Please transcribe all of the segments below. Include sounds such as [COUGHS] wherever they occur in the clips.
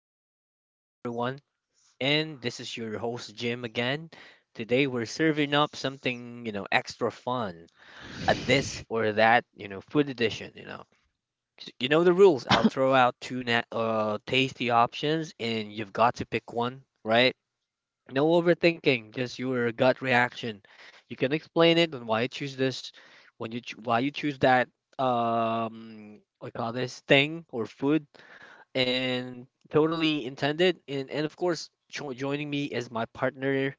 Good morning, everyone. And this is your host, Jim, again. Today, we're serving up something extra fun a this or that food edition. You know the rules. I'll throw out two tasty options, and you've got to pick one, right? No overthinking, just your gut reaction. You can explain it and why you choose this, why you choose that, what do you call this thing or food and totally intended. And of course, joining me is my partner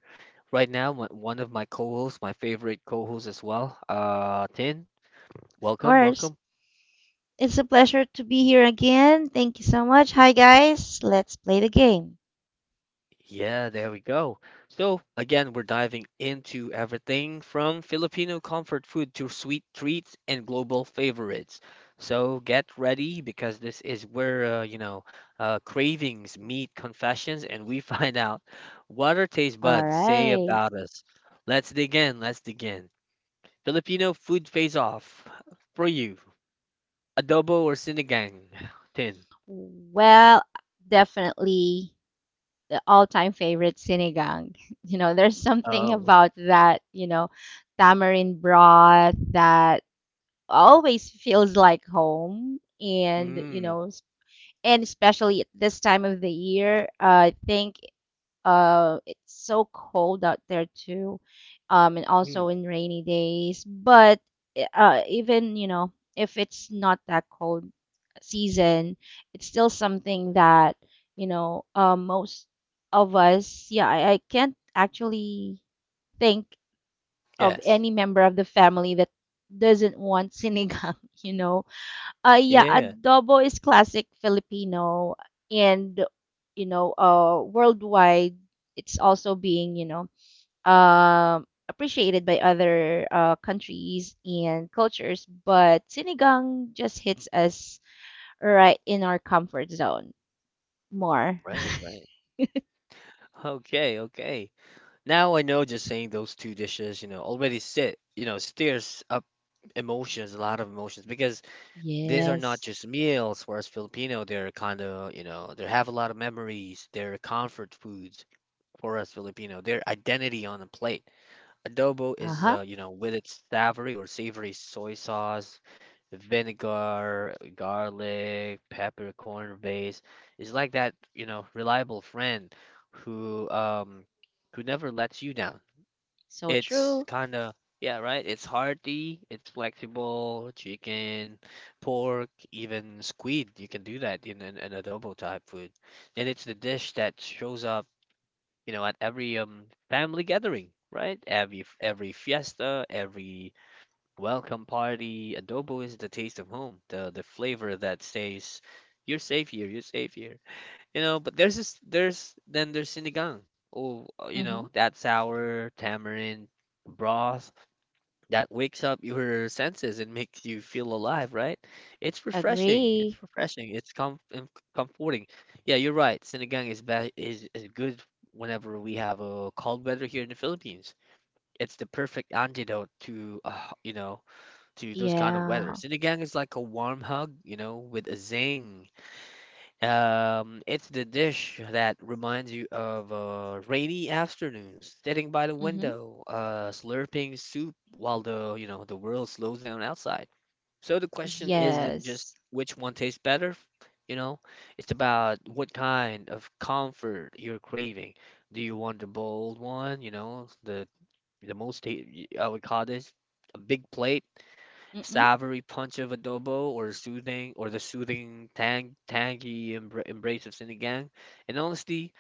right now, one of my co-hosts, my favorite co-host as well. Tin, Of welcome, course. welcome. It's a pleasure to be here again. Thank you so much. Hi, guys. Let's play the game. Yeah, there we go. So, again, we're diving into everything from Filipino comfort food to sweet treats and global favorites. So, get ready because this is where, cravings meet confessions and we [LAUGHS] find out what our taste All buds say right. about us. Let's dig in. Let's dig in. Filipino food face off for you. Adobo or sinigang? Tin. Well, definitely the all-time favorite sinigang. [LAUGHS] You know, there's something Oh. about that, you know, tamarind broth that always feels like home and, you Mm, know, and especially at this time of the year, I think. It's so cold out there too, and mm. also in rainy days. But even, you know, if it's not that cold season, it's still something that, most of us. Yeah, I can't actually think of Yes. any member of the family that doesn't want sinigang. [LAUGHS] You know, yeah, Yeah. adobo is classic Filipino, and, you know, worldwide, it's also being, you know, appreciated by other countries and cultures. But sinigang just hits us right in our comfort zone more. Right, right. Okay, okay. Now I know just saying those two dishes already stirs up emotions, a lot of emotions, because these are not Yes. just meals for us Filipino. They're kind of they have a lot of memories. They're comfort foods for us Filipino. They're identity on a plate. Adobo is, Uh-huh. With its savory or savory soy sauce, vinegar, garlic, peppercorn base, is like that reliable friend who um who never lets you down. So It's true. kind of yeah, right? It's hearty, it's flexible, chicken, pork, even squid. You can do that in an adobo type food. And it's the dish that shows up at every family gathering, right? Every fiesta, every welcome party, adobo is the taste of home, the flavor that says you're safe here, you're safe here. You know, but there's this, there's then there's sinigang. Oh, Mm-hmm. that sour tamarind broth that wakes up your senses and makes you feel alive, right? It's refreshing. It's Agree. refreshing. It's comforting. Yeah, you're right. Sinigang is good whenever we have a cold weather here in the Philippines. It's the perfect antidote to those kind of weather. Yeah. Sinigang is like a warm hug with a zing. It's the dish that reminds you of rainy afternoons, sitting by the Mm-hmm. window, slurping soup while the world slows down outside. So the question isn't just Yes. which one tastes better, you know, it's about what kind of comfort you're craving. Do you want the bold one, the most ta- I would call this a big plate, Mm-hmm. savory punch of adobo or soothing or the soothing tangy embrace of sinigang. And honestly,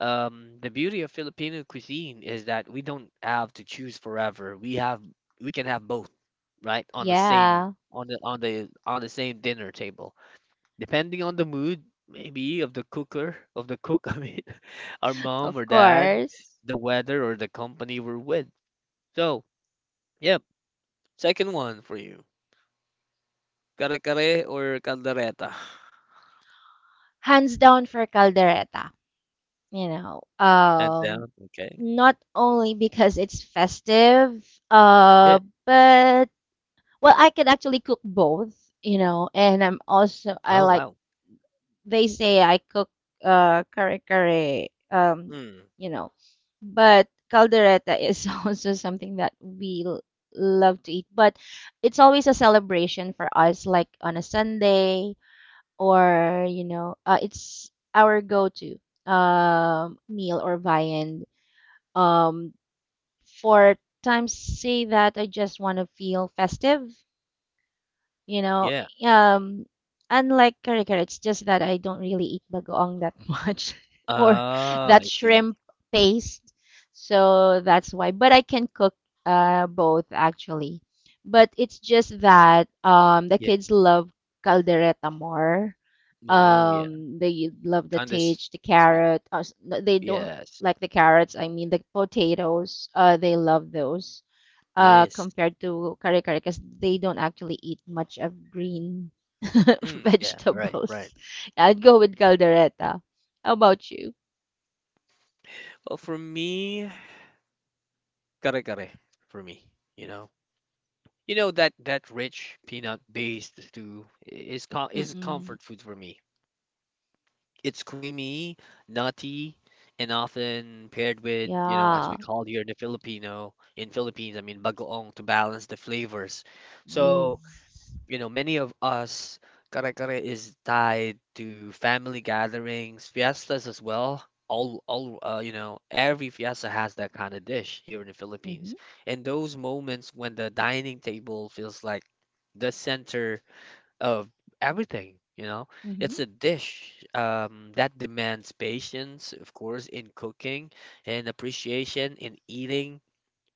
the beauty of Filipino cuisine is that we don't have to choose forever. We can have both, right? On the same Yeah. on the on the on the same dinner table. Depending on the mood, maybe of the cooker, of the cook, [LAUGHS] I mean, our mom Of or dad, course. the weather or the company we're with. So, yep, second one for you. Kare-kare or Caldereta, Hands down for caldereta, you know, hands down. Okay. not only because it's festive, Yeah. uh but well, I can actually cook both, you know, and I'm also, I Oh like, wow. they say I cook kare kare, Hmm. you know, but caldereta is [LAUGHS] also something that we love to eat, but it's always a celebration for us, like on a Sunday or, it's our go-to meal or viand um for times say that I just want to feel festive, you know, Yeah. um unlike kare kare. It's just that I don't really eat bagoong that [LAUGHS] much, or Ah, that I see. shrimp paste. So that's why. But I can cook both actually. But it's just that, the Yeah. kids love caldereta more. Oh yeah. They love the Kind of tage, the sweet. carrot. No, they don't Yes. like the carrots. I mean the potatoes. They love those. Yes. Compared to kare kare, because they don't actually eat much of green [LAUGHS] Mm, yeah. Right. Right. vegetables. I'd go with caldereta. How about you? Well, for me, kare-kare. For me, you know, you know that rich peanut based stew is Mm-mm. comfort food for me. It's creamy, nutty, and often paired with as we Yeah. call here in the Filipino, in Philippines, I mean, bagoong to balance the flavors. So, Yes. Many of us, kare kare is tied to family gatherings, fiestas as well. Every fiesta has that kind of dish here in the Mm-hmm. Philippines. And those moments when the dining table feels like the center of everything. Mm-hmm. It's a dish that demands patience, of course, in cooking and appreciation in eating.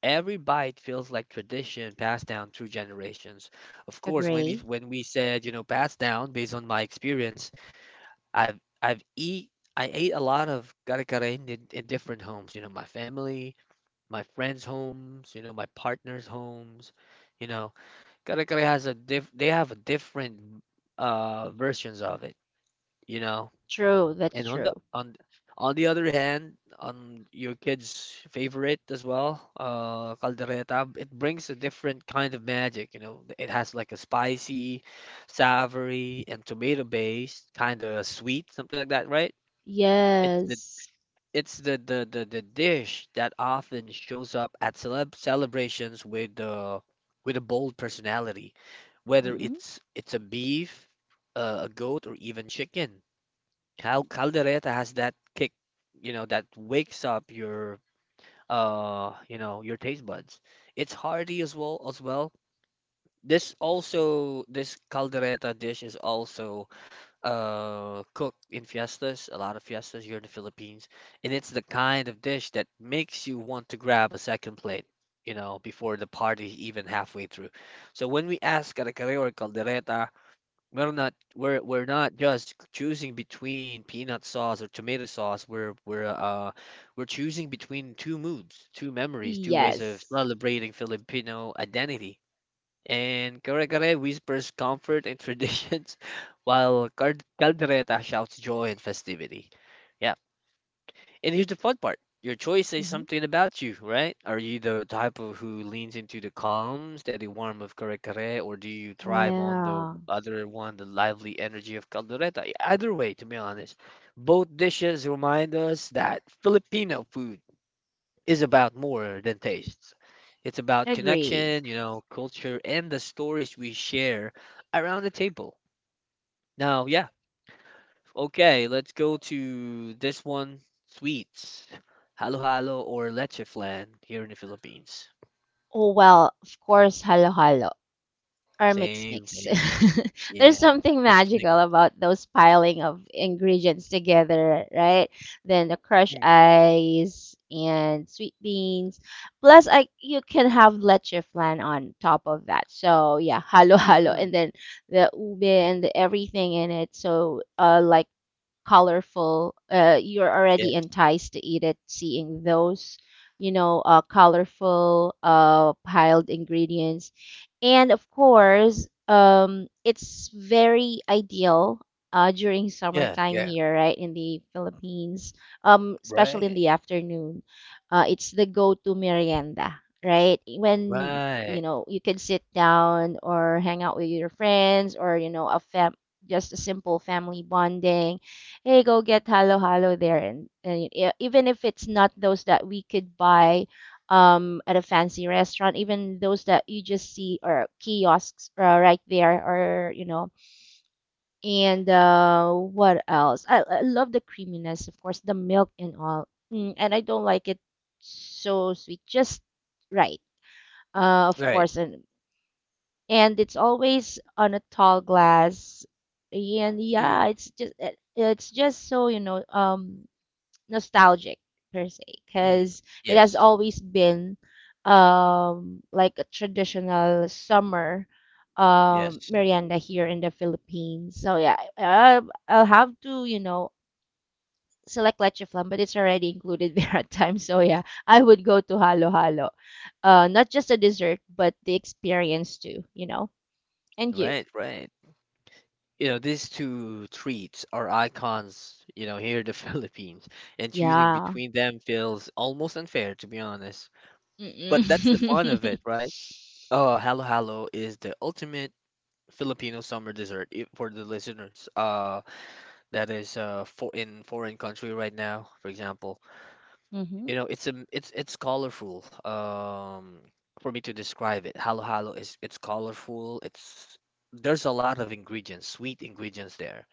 Every bite feels like tradition passed down through generations. Of course, Agree. when we said, passed down based on my experience, I've I've eat I ate a lot of kare kare in different homes, you know, my family, my friends' homes, you know, my partner's homes, you know Kare Kare has a diff they have a different versions of it, you know. True. That's And true. On the other hand, on your kid's favorite as well, Caldereta, it brings a different kind of magic. It has like a spicy, savory, and tomato based, kind of sweet, something like that, right? It's the Yes. it's the dish that often shows up at celebrations with a bold personality whether Mm-mm. it's a beef, a goat, or even chicken. Caldereta has that kick, that wakes up your taste buds. It's hearty as well. This caldereta dish is also cooked in fiestas, a lot of fiestas here in the Philippines, and it's the kind of dish that makes you want to grab a second plate. Before the party's even halfway through. So when we ask Kare Kare or Caldereta, we're not just choosing between peanut sauce or tomato sauce. We're choosing between two moods, two memories, two ways of Yes. celebrating Filipino identity. And kare-kare whispers comfort and traditions, [LAUGHS] while caldereta shouts joy and festivity. Yeah, and here's the fun part. Your choice says Mm-hmm. something about you, right? Are you the type of who leans into the calm, steady warmth of Kare or do you thrive on the Yeah. other one, the lively energy of Caldereta? Either way, to be honest, both dishes remind us that Filipino food is about more than tastes. It's about Agree. connection, culture, and the stories we share around the table. Now, yeah, okay, let's go to this one. Sweets. Halo halo or leche flan here in the Philippines. Oh, well, of course, halo halo or mix Same, mix. [LAUGHS] same. There's Yeah. something Mix, mix. magical about those piling of ingredients together, right? Then the crushed ice and sweet beans. Plus, I you can have leche flan on top of that. So yeah, [LAUGHS] halo halo, Mm, and then the ube and the everything in it. So like colorful, you're already yes. enticed to eat it, seeing those, colorful, piled ingredients. And of course, it's very ideal during Yeah, summertime yeah. here, right, in the Philippines, especially in Right. the afternoon. It's the go-to merienda, right? When, you Right. know, you can sit down or hang out with your friends, or, you know, a fam just a simple family bonding. Hey, go get halo halo there. And even if it's not those that we could buy, at a fancy restaurant, even those that you just see, or kiosks right there, or you know. And What else? I love the creaminess, of course, the milk and all. Mm, and I don't like it so sweet, just right. Of Right. course, and it's always on a tall glass. And yeah, Mm, it's just so, you know, nostalgic per se, mm. because it has Yes. always been, like a traditional summer Yes. merienda here in the Philippines. So yeah, I'll have to, select leche flan, but it's already included [LAUGHS] there at times. So yeah, I would go to halo halo. Not just the dessert, but the experience too. You know, and you, Right, right. These two treats are icons, here in the [LAUGHS] Philippines, and choosing yeah. between them feels almost unfair, to be honest. But that's the fun of Mm-mm. it, [LAUGHS] right? Oh, halo halo is the ultimate Filipino summer dessert for the listeners. That is for in foreign country right now, for example. Mhm. You know, it's a it's it's colorful. For me to describe it, halo halo is it's colorful. It's There's a lot of ingredients, sweet ingredients there.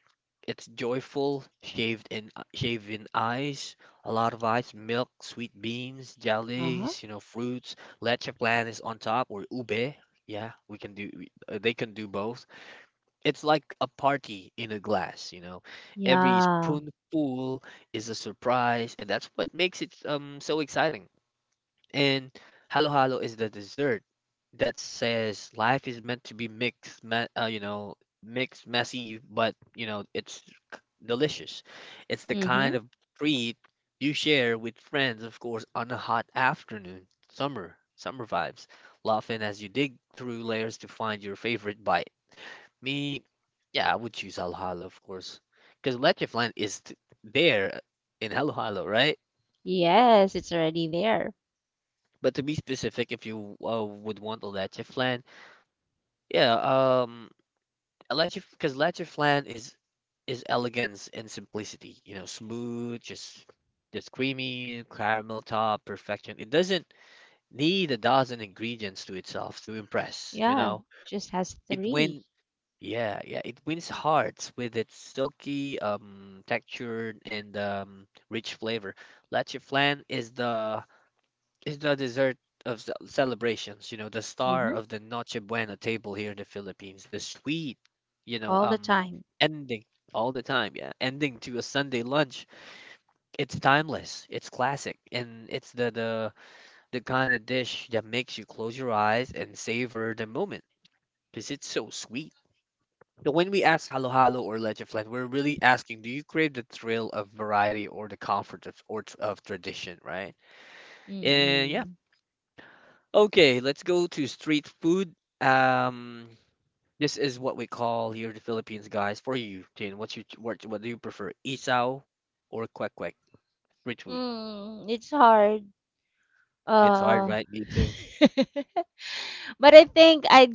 It's joyful, shaved in shaven ice, a lot of ice, milk, sweet beans, Uh huh. jellies, fruits. Leche plan is on top or ube. Yeah, we can do. They can do both. It's like a party in a glass. Every Yeah. spoonful is a surprise, and that's what makes it so exciting. And halo halo is the dessert that says life is meant to be mixed, messy, but it's c- delicious. It's the Mm-hmm. kind of treat you share with friends, of course, on a hot afternoon, summer, summer vibes, laughing as you dig through layers to find your favorite bite. Me, yeah, I would choose halo halo, of course, because leche flan is t there in halo halo, right? Yes, it's already there. But to be specific, if you would want a leche flan, yeah, a leche because leche flan is elegance and simplicity. You know, smooth, just creamy, caramel top, perfection. It doesn't need a dozen ingredients to itself to impress. You Yeah, know, just has it three. win. Yeah, yeah, it wins hearts with its silky texture and rich flavor. Leche flan is the It's the dessert of celebrations, the star Mm-hmm. of the Noche Buena table here in the Philippines, the sweet, you know, All the um, time. ending all the time, yeah, ending to a Sunday lunch. It's timeless, it's classic, and it's the kind of dish that makes you close your eyes and savor the moment because it's so sweet. So when we ask halo halo or leche flan, we're really asking, do you crave the thrill of variety or the comfort of tradition, right? And yeah, Mm-mm. okay, let's go to street food. Um, this is what we call here in the Philippines, guys. For you, Tin, what do you prefer, isaw or kwek kwek? Street food. Mm, it's hard. It's hard, Uh, right? Me too. [LAUGHS] but I think I'd,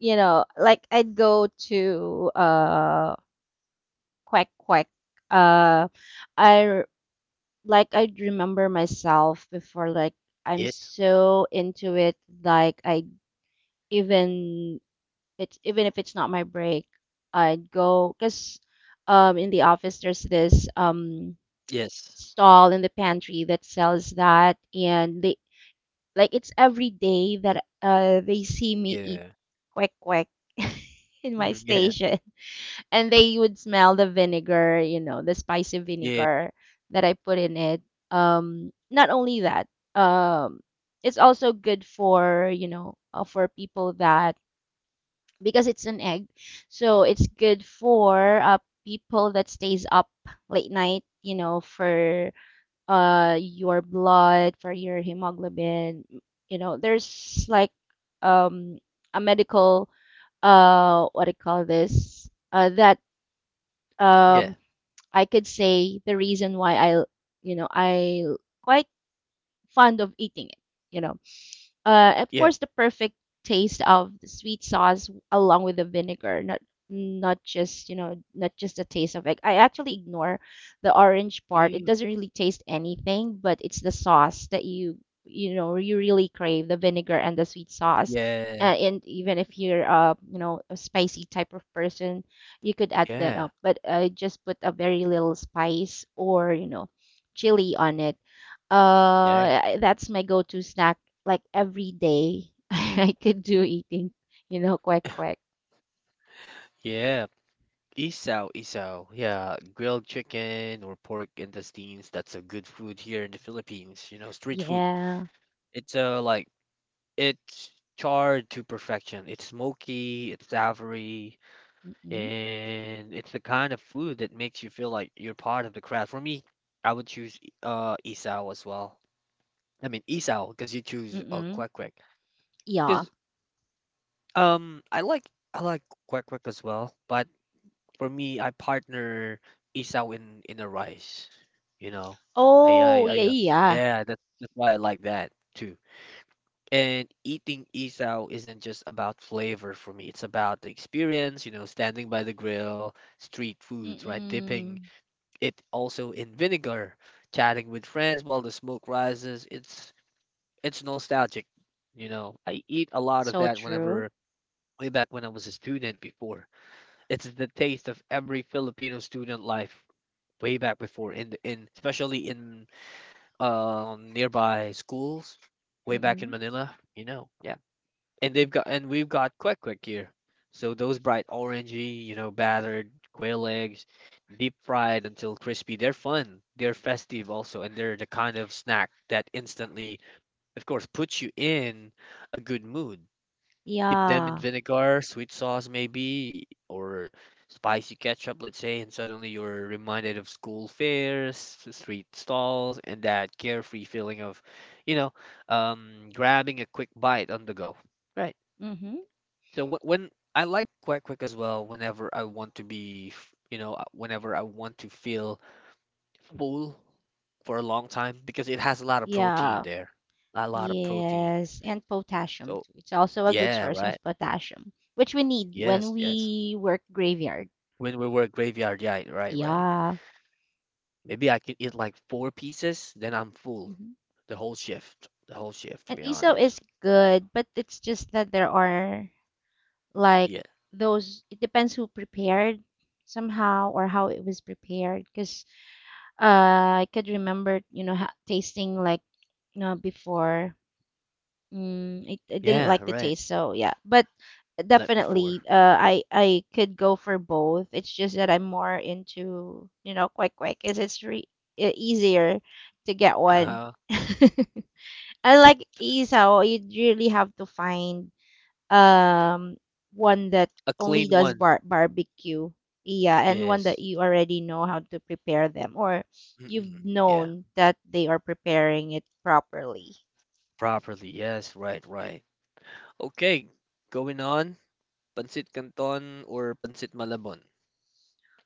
like I'd go to quack quack. Uh, I r- like I'd remember myself before, like I'm Yes. so into it, like, I even it's, even if it's not my break, I'd go because, in the office there's this Yes. stall in the pantry that sells that, and they, like, it's every day that they see me eat Yeah. quack quack [LAUGHS] in my Mm, yeah. station, and they would smell the vinegar, you know, the spicy Yeah. vinegar that I put in it. Not only that, um it's also good for, for people that, because it's an egg. So it's good for people that stays up late night, you know, for your blood, for your hemoglobin. You know, there's like um a medical what do you call this? That, Yeah. um I could say the reason why I you know I quite fond of eating it. You know, of Yeah. course, the perfect taste of the sweet sauce along with the vinegar, not just the taste of it. I actually ignore the orange part. It Mm, doesn't really taste anything, but it's the sauce that you really crave, the vinegar and the sweet sauce. yeah. And even if you're a spicy type of person, you could add that Yeah. up. But I just put a very little spice, or, chili on it. Yeah. That's my go-to snack, like every day. [LAUGHS] I could do eating, you know, quite quick. Yeah. Isaw, isaw. Yeah, grilled chicken or pork intestines. That's a good food here in the Philippines. Street food. Yeah. It's uh like It's charred to perfection. It's smoky, it's savory, Mm-mm. and it's the kind of food that makes you feel like you're part of the crowd. For me, I would choose isao as well. I mean isao because you choose Mm-mm. kwek Yeah. because um I like I like kwek as well, but for me I partner isao in a rice. You know, Oh, I yeah, yeah. yeah that's why I like that too. And eating isaw isn't just about flavor for me. It's about the experience, you know, standing by the grill, street Yeah. foods, right? Dipping Mm-mm. it also in vinegar, chatting with friends while the smoke rises. It's nostalgic, you know. I eat a lot of So that true. whenever way back when I was a student before. It's the taste of every Filipino student life way back before in especially in nearby schools way back in Mm-mm. Manila, you know. Yeah and we've got quick quick here. So those bright orangey, you know, battered quail eggs, deep fried until crispy. They're fun. They're festive also, and they're the kind of snack that instantly, of course, puts you in a good mood. Dip them in Yeah. vinegar, sweet sauce maybe, or spicy ketchup, let's say, and suddenly you're reminded of school fairs, street stalls, and that carefree feeling of, you know, grabbing a quick bite on the go. Right. Mm-hmm. So when I like Quack Quack as well, whenever I want to be, you know, whenever I want to feel full for a long time because it has a lot of protein Yeah. there, a lot of protein. Yes. And potassium So too. It's also a good yeah, source right. of potassium, which we need Yes, when yes. we work graveyard. When we were graveyard, yeah, right, right. Yeah. Maybe I could eat like four pieces, then I'm full Mm-hmm. The whole shift to And be iso honest. is good, but it's just that there are, like, Yeah, those, it depends who prepared somehow, or how it was prepared, because I could remember, tasting, like, before, I didn't yeah, like the right. taste. So yeah, but Like definitely before, I could go for both. It's just that I'm more into, quick quick, because it's easier to get one, uh, [LAUGHS] unlike isaw. You really have to find um one that a only clean does one. Barbecue, yeah, and one that Yes. you already know how to prepare them, or you've Mm-mm. Yeah, known that they are preparing it properly. properly. Yes, right, right. Okay, going on, Pancit Canton or Pancit Malabon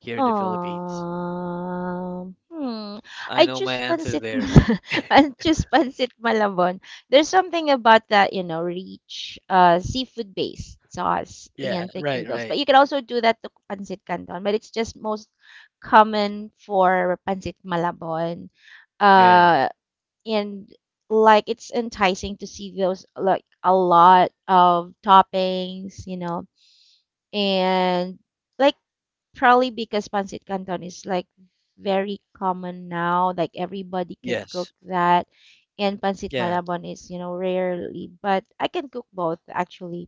here in the Philippines. Hmm. I I know my choose answer pancit there. Mal- [LAUGHS] I choose pancit Malabon. There's something about that, you know, rich seafood based sauce Yeah, and thick right, noodles. right. But you can also do that to pancit canton, but it's just most common for pancit Malabon. Yeah, Uh, and like it's enticing to see those, like, a lot of toppings, you know, and like probably because pancit canton is, like, very common now, like everybody could cook yes, that. And pancit yeah, malabon is, you know, rarely, but I can cook both actually.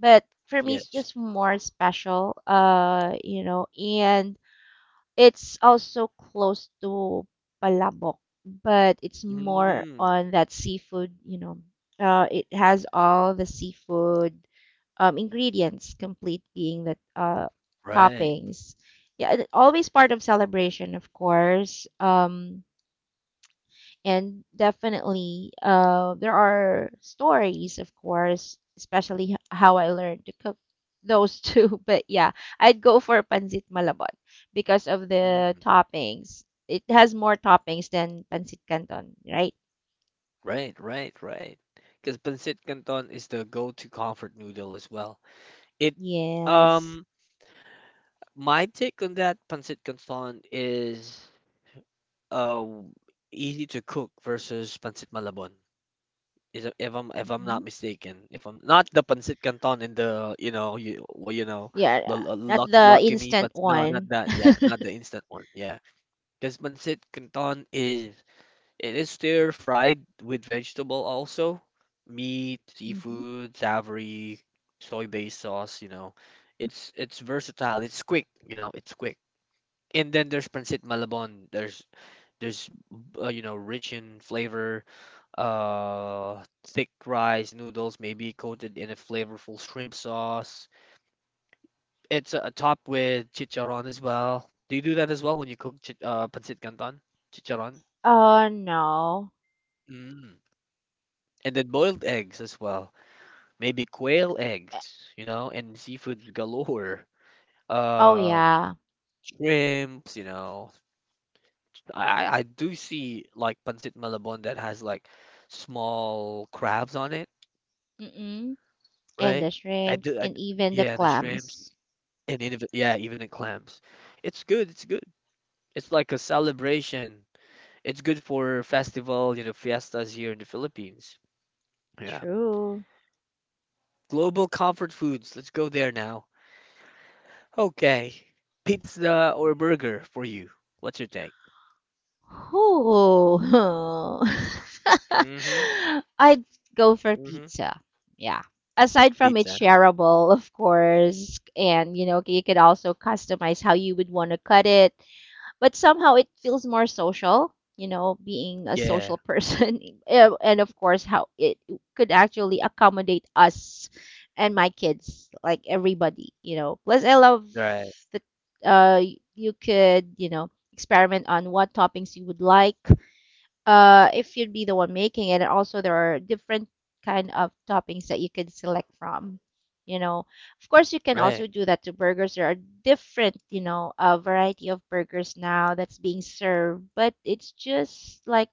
But for me, it's yes. just more special, you know, and it's also close to Palabok, but it's more Mm, on that seafood, you know. It has all the seafood ingredients, complete being the right, toppings. Yeah, and always part of celebration, of course. And definitely, there are stories, of course, especially how I learned to cook those [LAUGHS] two. But yeah, I'd go for pancit malabon because of the mm, toppings. It has more toppings than pancit canton, right? right, right, right. Because Pancit Canton is the go-to comfort noodle as well. It, Yes. um, my take on that Pancit Canton is uh easy to cook versus Pancit Malabon. If I'm not Mm. mistaken, if I'm not the pancit canton and the you know you well you know Yeah, not luck, the lucky me, instant but no, not one. that. Yeah, not the instant one. Yeah, because pancit canton is it is stir fried with vegetable also, meat, [LAUGHS] Hmm. seafood, savory, soy-based sauce. You know, it's versatile. It's quick. You know, it's quick. And then there's pancit malabon. There's you know rich in flavor thick rice noodles maybe coated in a flavorful shrimp sauce. It's topped with chicharron as well. Do you do that as well when you cook chit pancit canton? Chicharron? Oh, no. Mm. And then boiled eggs as well. Maybe quail Uh, eggs, you know, and seafood galore. oh, Uh yeah. shrimps, you know. I do see like pancit malabon that has like small crabs on it, Mm-mm. And right? the I shrimps do I, and even the yeah, and the shrimps. clams. And it, yeah, even in clams. It's good, it's good. It's like a celebration. It's good for festival, you know, fiestas here in the Philippines. Yeah. True. Global comfort foods. Let's go there now. Okay. Pizza or burger for you? What's your take? Oh, Mm-hmm. [LAUGHS] I'd go for Mm-hmm. pizza. Yeah. Aside from it's Pizza. shareable, of course, and, you could also customize how you would want to cut it, but somehow it feels more social, being a Yeah. social person. [LAUGHS] And of course how it could actually accommodate us and my kids, like everybody, plus I love Right. that, uh you could, experiment on what toppings you would like, if you'd be the one making it. And also there are different kind of toppings that you can select from, you know of course you can Right. also do that to burgers, there are different, a variety of burgers now that's being served, but it's just, like,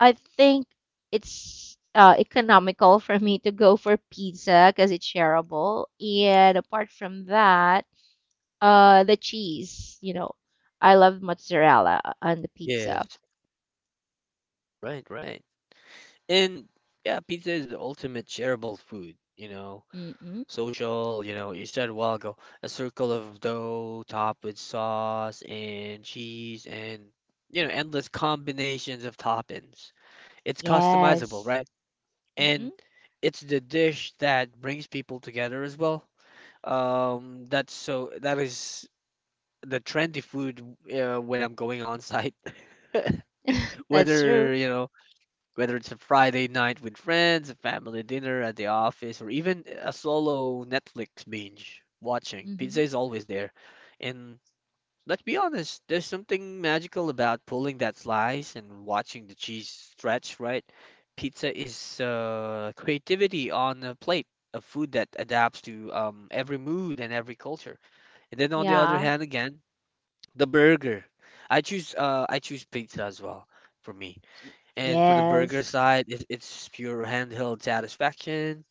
I think it's economical [LAUGHS] for me to go for pizza because it's shareable. And apart from that, the cheese, I love mozzarella on the pizza. Yes. Right. Right. And yeah, pizza is the ultimate shareable food, you know. Mm-mm. Social, you know, you said a while ago, a circle of dough topped with sauce and cheese and, you know, endless combinations of toppings. It's customizable, Yes. right? And Mm-mm. it's the dish that brings people together as well. That is the trendy food when I'm going on site. [LAUGHS] [LAUGHS] That's true. Whether, you know, whether it's a Friday night with friends, a family dinner at the office, or even a solo Netflix binge watching, Mm-hmm. pizza is always there. And let's be honest, there's something magical about pulling that slice and watching the cheese stretch, right? Pizza is creativity on a plate of food that adapts to every mood and every culture. And then on the other Yeah. hand, again, the burger. I choose pizza as well for me and for the burger Yes. side, it's pure handheld satisfaction.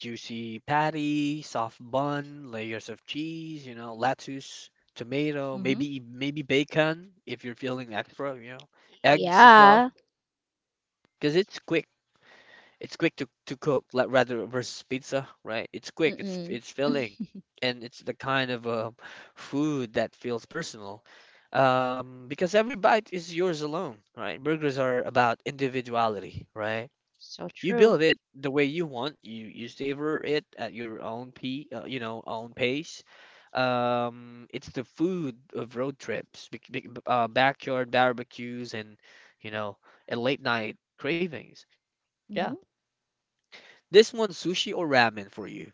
Juicy patty, soft bun, layers of cheese, you know, lettuce, tomato, Mm-hmm. Maybe bacon if you're feeling extra, you know, eggs as well, Yeah. because it's quick. It's quick to cook, like rather versus pizza, right? It's quick, Mm-mm. it's filling, [LAUGHS] and it's the kind of food that feels personal. Because every bite is yours alone, right? Burgers are about individuality, right? So You true. build it the way you want. You savor it at your own p you know own pace. It's the food of road trips, backyard barbecues, and you know, and late night cravings. Yeah, Mm-hmm. this one sushi or ramen for you?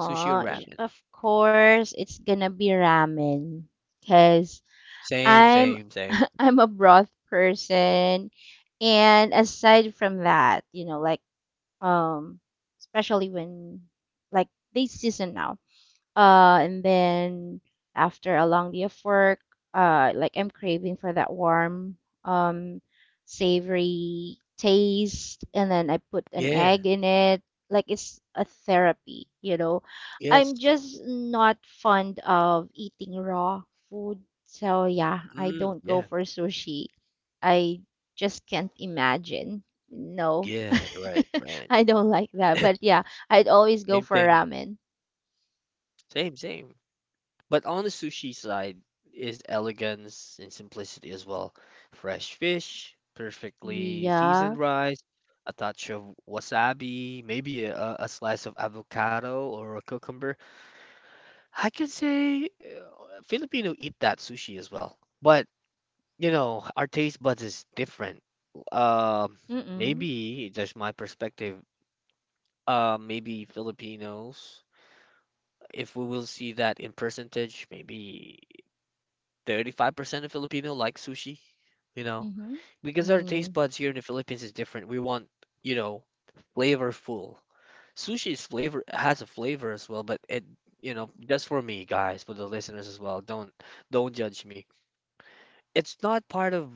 Sushi or ramen? of course, it's gonna be ramen. Cause Same, I'm same, same. [LAUGHS] I'm a broth person, and aside from that, you know, like um, especially when, like, they season now. And then after a long day of work, like I'm craving for that warm, um, savory taste, and then I put an Yeah. egg in it. Like it's a therapy, you know. Yes. I'm just not fond of eating raw food, so yeah, I Mm, don't go yeah. for sushi. I just can't imagine. No, Yeah. Right. [LAUGHS] Right. I don't like that. But yeah, I'd always go Same for thing. ramen. Same. Same. But on the sushi side is elegance and simplicity as well. Fresh fish, perfectly seasoned Yeah. rice, a touch of wasabi, maybe a slice of avocado or a cucumber. I could say Filipino eat that sushi as well. But, you know, our taste buds is different. Um, Mm-mm. maybe just my perspective. Maybe Filipinos, if we will see that in percentage, maybe 35% of Filipino like sushi, you know, Mm-hmm. because our taste Mm. buds here in the Philippines is different. We want, you know, flavorful. Sushi is flavor has a flavor as well, but it, you know, just for me, guys, for the listeners as well, don't judge me. It's not part of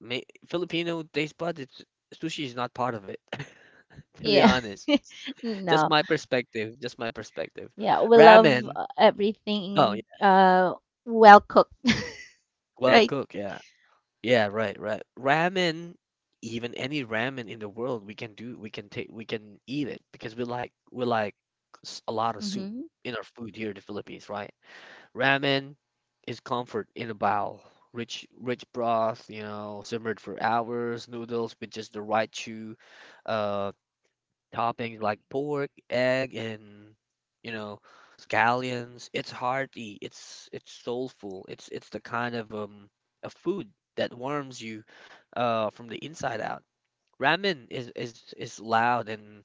ma Filipino taste buds. Sushi is not part of it, [LAUGHS] to be Yeah. honest. [LAUGHS] Just No. my perspective, just my perspective. Yeah, we love Ramen, oh everything yeah, well cooked, [LAUGHS] well right? cooked, yeah. Yeah, right, right. Ramen, even any ramen in the world, we can do, we can take, we can eat it because we like a lot of soup Mm-hmm. in our food here in the Philippines, right? Ramen is comfort in a bowl. Rich broth, you know, simmered for hours. Noodles with just the right chew, uh. Toppings like pork, egg, and you know, scallions. It's hearty. It's soulful. It's the kind of a food that warms you from the inside out. Ramen is loud and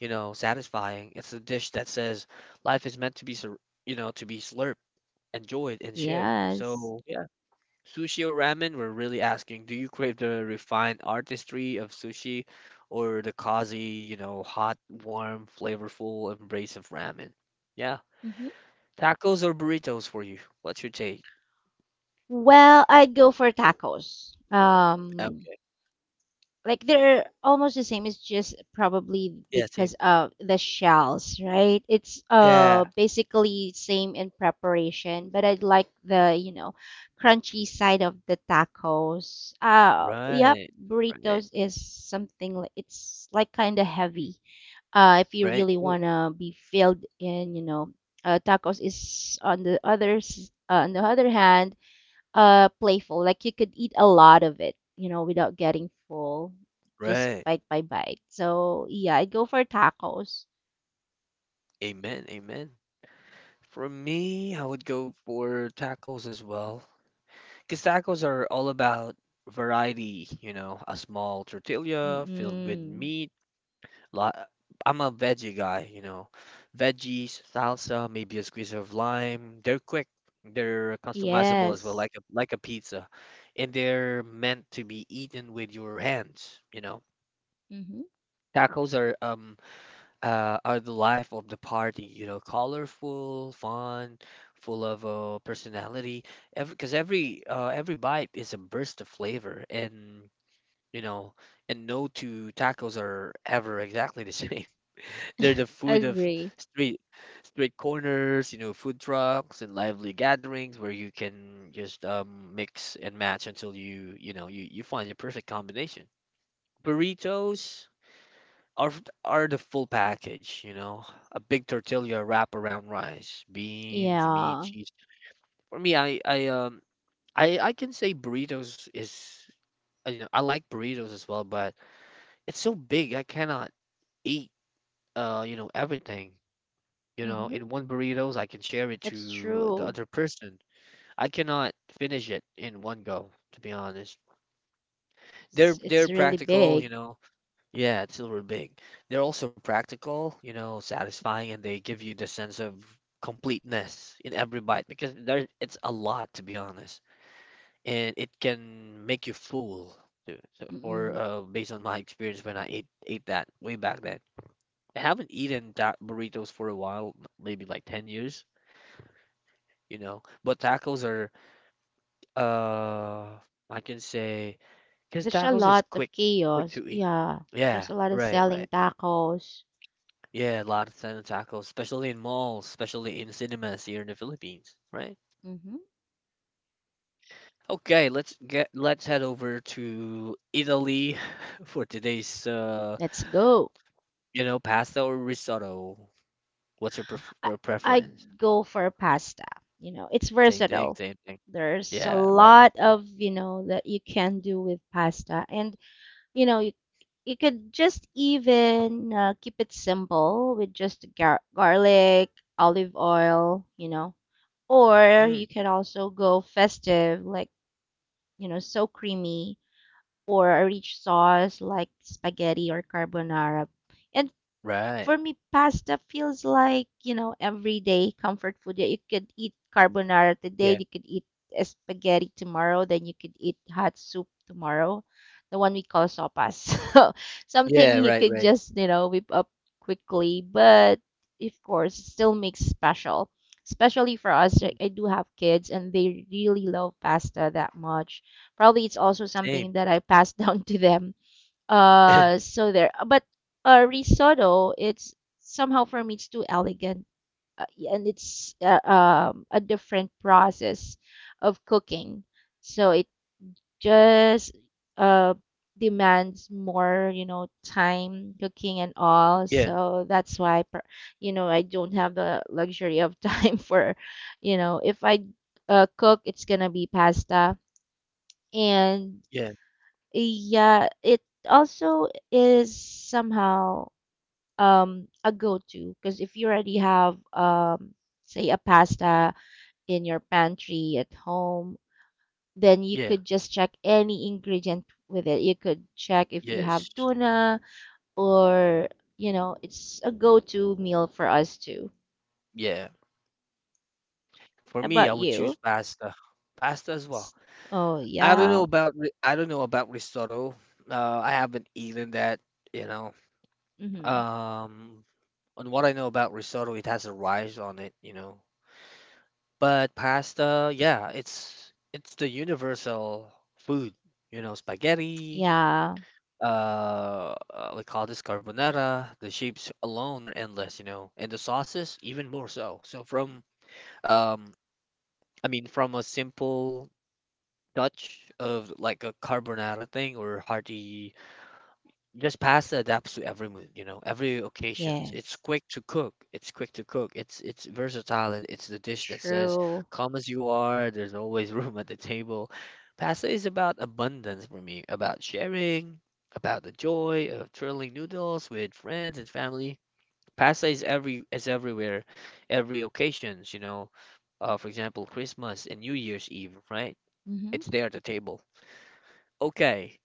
you know satisfying. It's a dish that says life is meant to be you know to be slurped, enjoyed, and shared. Yes. So yeah. Sushi or ramen, we're really asking, do you crave the refined artistry of sushi or the cozy, you know, hot, warm, flavorful embrace of ramen? Yeah. Mm-hmm. Tacos or burritos for you? What's your take? Well, I'd go for tacos. Okay. Like they're almost the same. It's just probably Yeah, because same. of the shells, right? It's Yeah. basically same in preparation, but I like the crunchy side of the tacos. Yep, Right. Right. burritos is something like it's like kind of heavy. If you Right. really Right. want to be filled in, tacos is on the others. On the other hand, playful. Like you could eat a lot of it, without getting full, just Right. bite by bite. So yeah, I'd go for tacos. Amen. Amen. For me, I would go for tacos as well. Because tacos are all about variety, you know, a small tortilla filled with Mm-mm. meat Lot, I'm a veggie guy, you know. Veggies, salsa, maybe a squeeze of lime. They're quick. They're customizable as well, Yes. Like a pizza, and they're meant to be eaten with your hands, you know. Mm-hmm. Tacos are the life of the party, you know, colorful, fun, full of personality. Every because every bite is a burst of flavor, and you know, and no two tacos are ever exactly the [LAUGHS] same. They're the [LAUGHS] food of Agree. street street corners, you know, food trucks and lively gatherings where you can just mix and match until you know you find your perfect combination. Burritos are the full package, you know, a big tortilla wrap around rice, beans, meat, Yeah. cheese. For me, I can say burritos is you know I like burritos as well, but it's so big I cannot eat you know everything. You know, Mm-hmm. in one burritos, I can share it It's to the true. other person. I cannot finish it in one go, to be honest. It's They're it's they're really big. practical, you know. Yeah, it's silver big. They're also practical, you know, satisfying, and they give you the sense of completeness in every bite because there it's a lot, to be honest, and it can make you full. Too. So for Mm-mm. Based on my experience when I ate that way back then. I haven't eaten that burritos for a while, maybe like 10 years. You know. But tacos are, uh, I can say, because There's a tacos is lot quick, of quick chaos. to eat. Yeah. Yeah, There's a lot of right, selling right. tacos. Yeah, a lot of time tacos, especially in malls, especially in cinemas here in the Philippines, right? Mm-hmm. Okay, let's head over to Italy [LAUGHS] for today's Let's go. you know, pasta or risotto. What's your I, I'd preference? go for pasta. You know, it's Same thing, versatile. same thing. There's a Yeah, right. lot of that you can do with pasta. And, you know, you, you could just even keep it simple with just garlic, olive oil. Or Mm, you can also go festive, like, so creamy, or a rich sauce like spaghetti or carbonara. And right. for me, pasta feels like, everyday comfort food. Yeah, you could eat carbonara today, Yeah. you could eat spaghetti tomorrow, then you could eat hot soup tomorrow, the one we call sopas. [LAUGHS] So something Yeah, you right, could right. just, whip up quickly, but of course, it still makes special. Especially for us, like, Mm, I do have kids and they really love pasta that much. Probably it's also same. something that [COUGHS] I passed [LAUGHS] down to them, [LAUGHS] so there, but risotto, it's somehow for me it's too elegant, uh, and it's a different process of cooking. So it just uh, demands more, time cooking and all. Yeah, So that's why, I don't have the luxury of time [LAUGHS] for, if I cook, it's gonna be pasta. And yeah, yeah, it also is somehow a go-to because if you already have say a pasta in your pantry at home, then you yeah, could just check any ingredient with it. You could check if you have yes, tuna or it's a go-to meal for us too. yeah. For How me, about I would choose you? pasta as well. S- Oh yeah. I don't know about risotto. I haven't eaten that, you know. Mm-hmm. Um, on what I know about risotto, it has a rice on it. But pasta, yeah, it's the universal food, you know, spaghetti. Yeah. We call this carbonara. The shapes alone are endless, you know, and the sauces even more so. So from um I mean, from a simple touch of like a carbonara thing or hearty, just pasta adapts to every mood, you know, every occasions. It's Yes. quick to cook. It's quick to cook. It's versatile and it's the dish that says, True. "Come as you are." There's always [LAUGHS] room at the table. Pasta is about abundance for me, about sharing, about the joy of twirling noodles with friends and family. Pasta is everywhere, every occasions, you know. For example, Christmas and New Year's Eve, right? Mm-hmm. It's there at the table. Okay,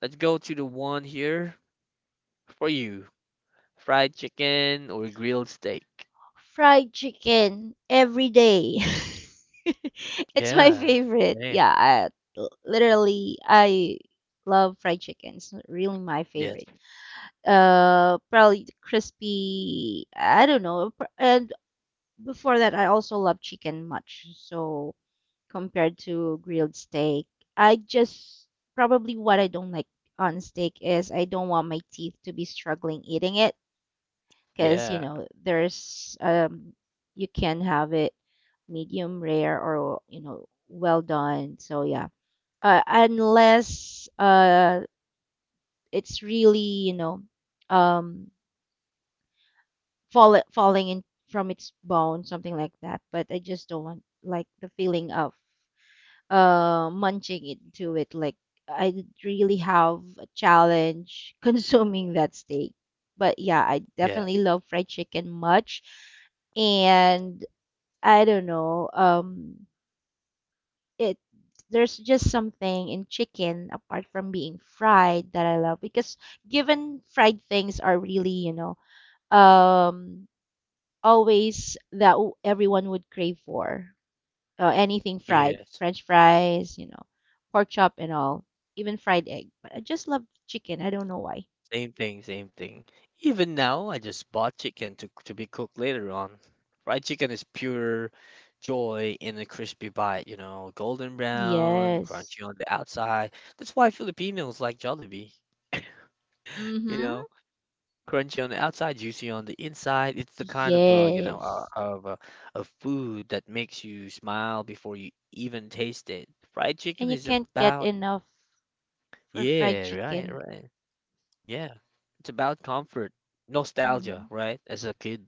let's go to the one here for you. Fried chicken or grilled steak? Fried chicken every day. [LAUGHS] It's my Yeah, favorite. same. Yeah, literally, I love fried chicken. It's really my Yes. favorite. Probably the crispy. I don't know. And before that, I also love chicken much. So compared to grilled steak, I just probably what I don't like on steak is I don't want my teeth to be struggling eating it because Yeah. There's you can have it medium rare or well done, so yeah. Unless it's really you know um falling in from its bone, something like that. But I just don't want like the feeling of munching into it. Like, I did really have a challenge [LAUGHS] consuming that steak, but yeah, I Yeah. definitely love fried chicken much. And I don't know. It There's just something in chicken apart from being fried that I love, because given fried things are really, um, always that everyone would crave for anything fried, Yes. French fries, pork chop and all, even fried egg. But I just love chicken. I don't know why. Same thing, same thing. Even now, I just bought chicken to be cooked later on. Fried chicken is pure joy in a crispy bite, you know, golden brown, Yes. crunchy on the outside. That's why Filipinos like Jollibee, you Mm-hmm. know. Crunchy on the outside, juicy on the inside. It's the kind of uh, you know uh, Yes. of uh, of food that makes you smile before you even taste it. Fried And chicken you is can't get about. enough for fried Yeah, right, chicken. right. Yeah, it's about comfort, nostalgia, Mm-hmm. right? As a kid,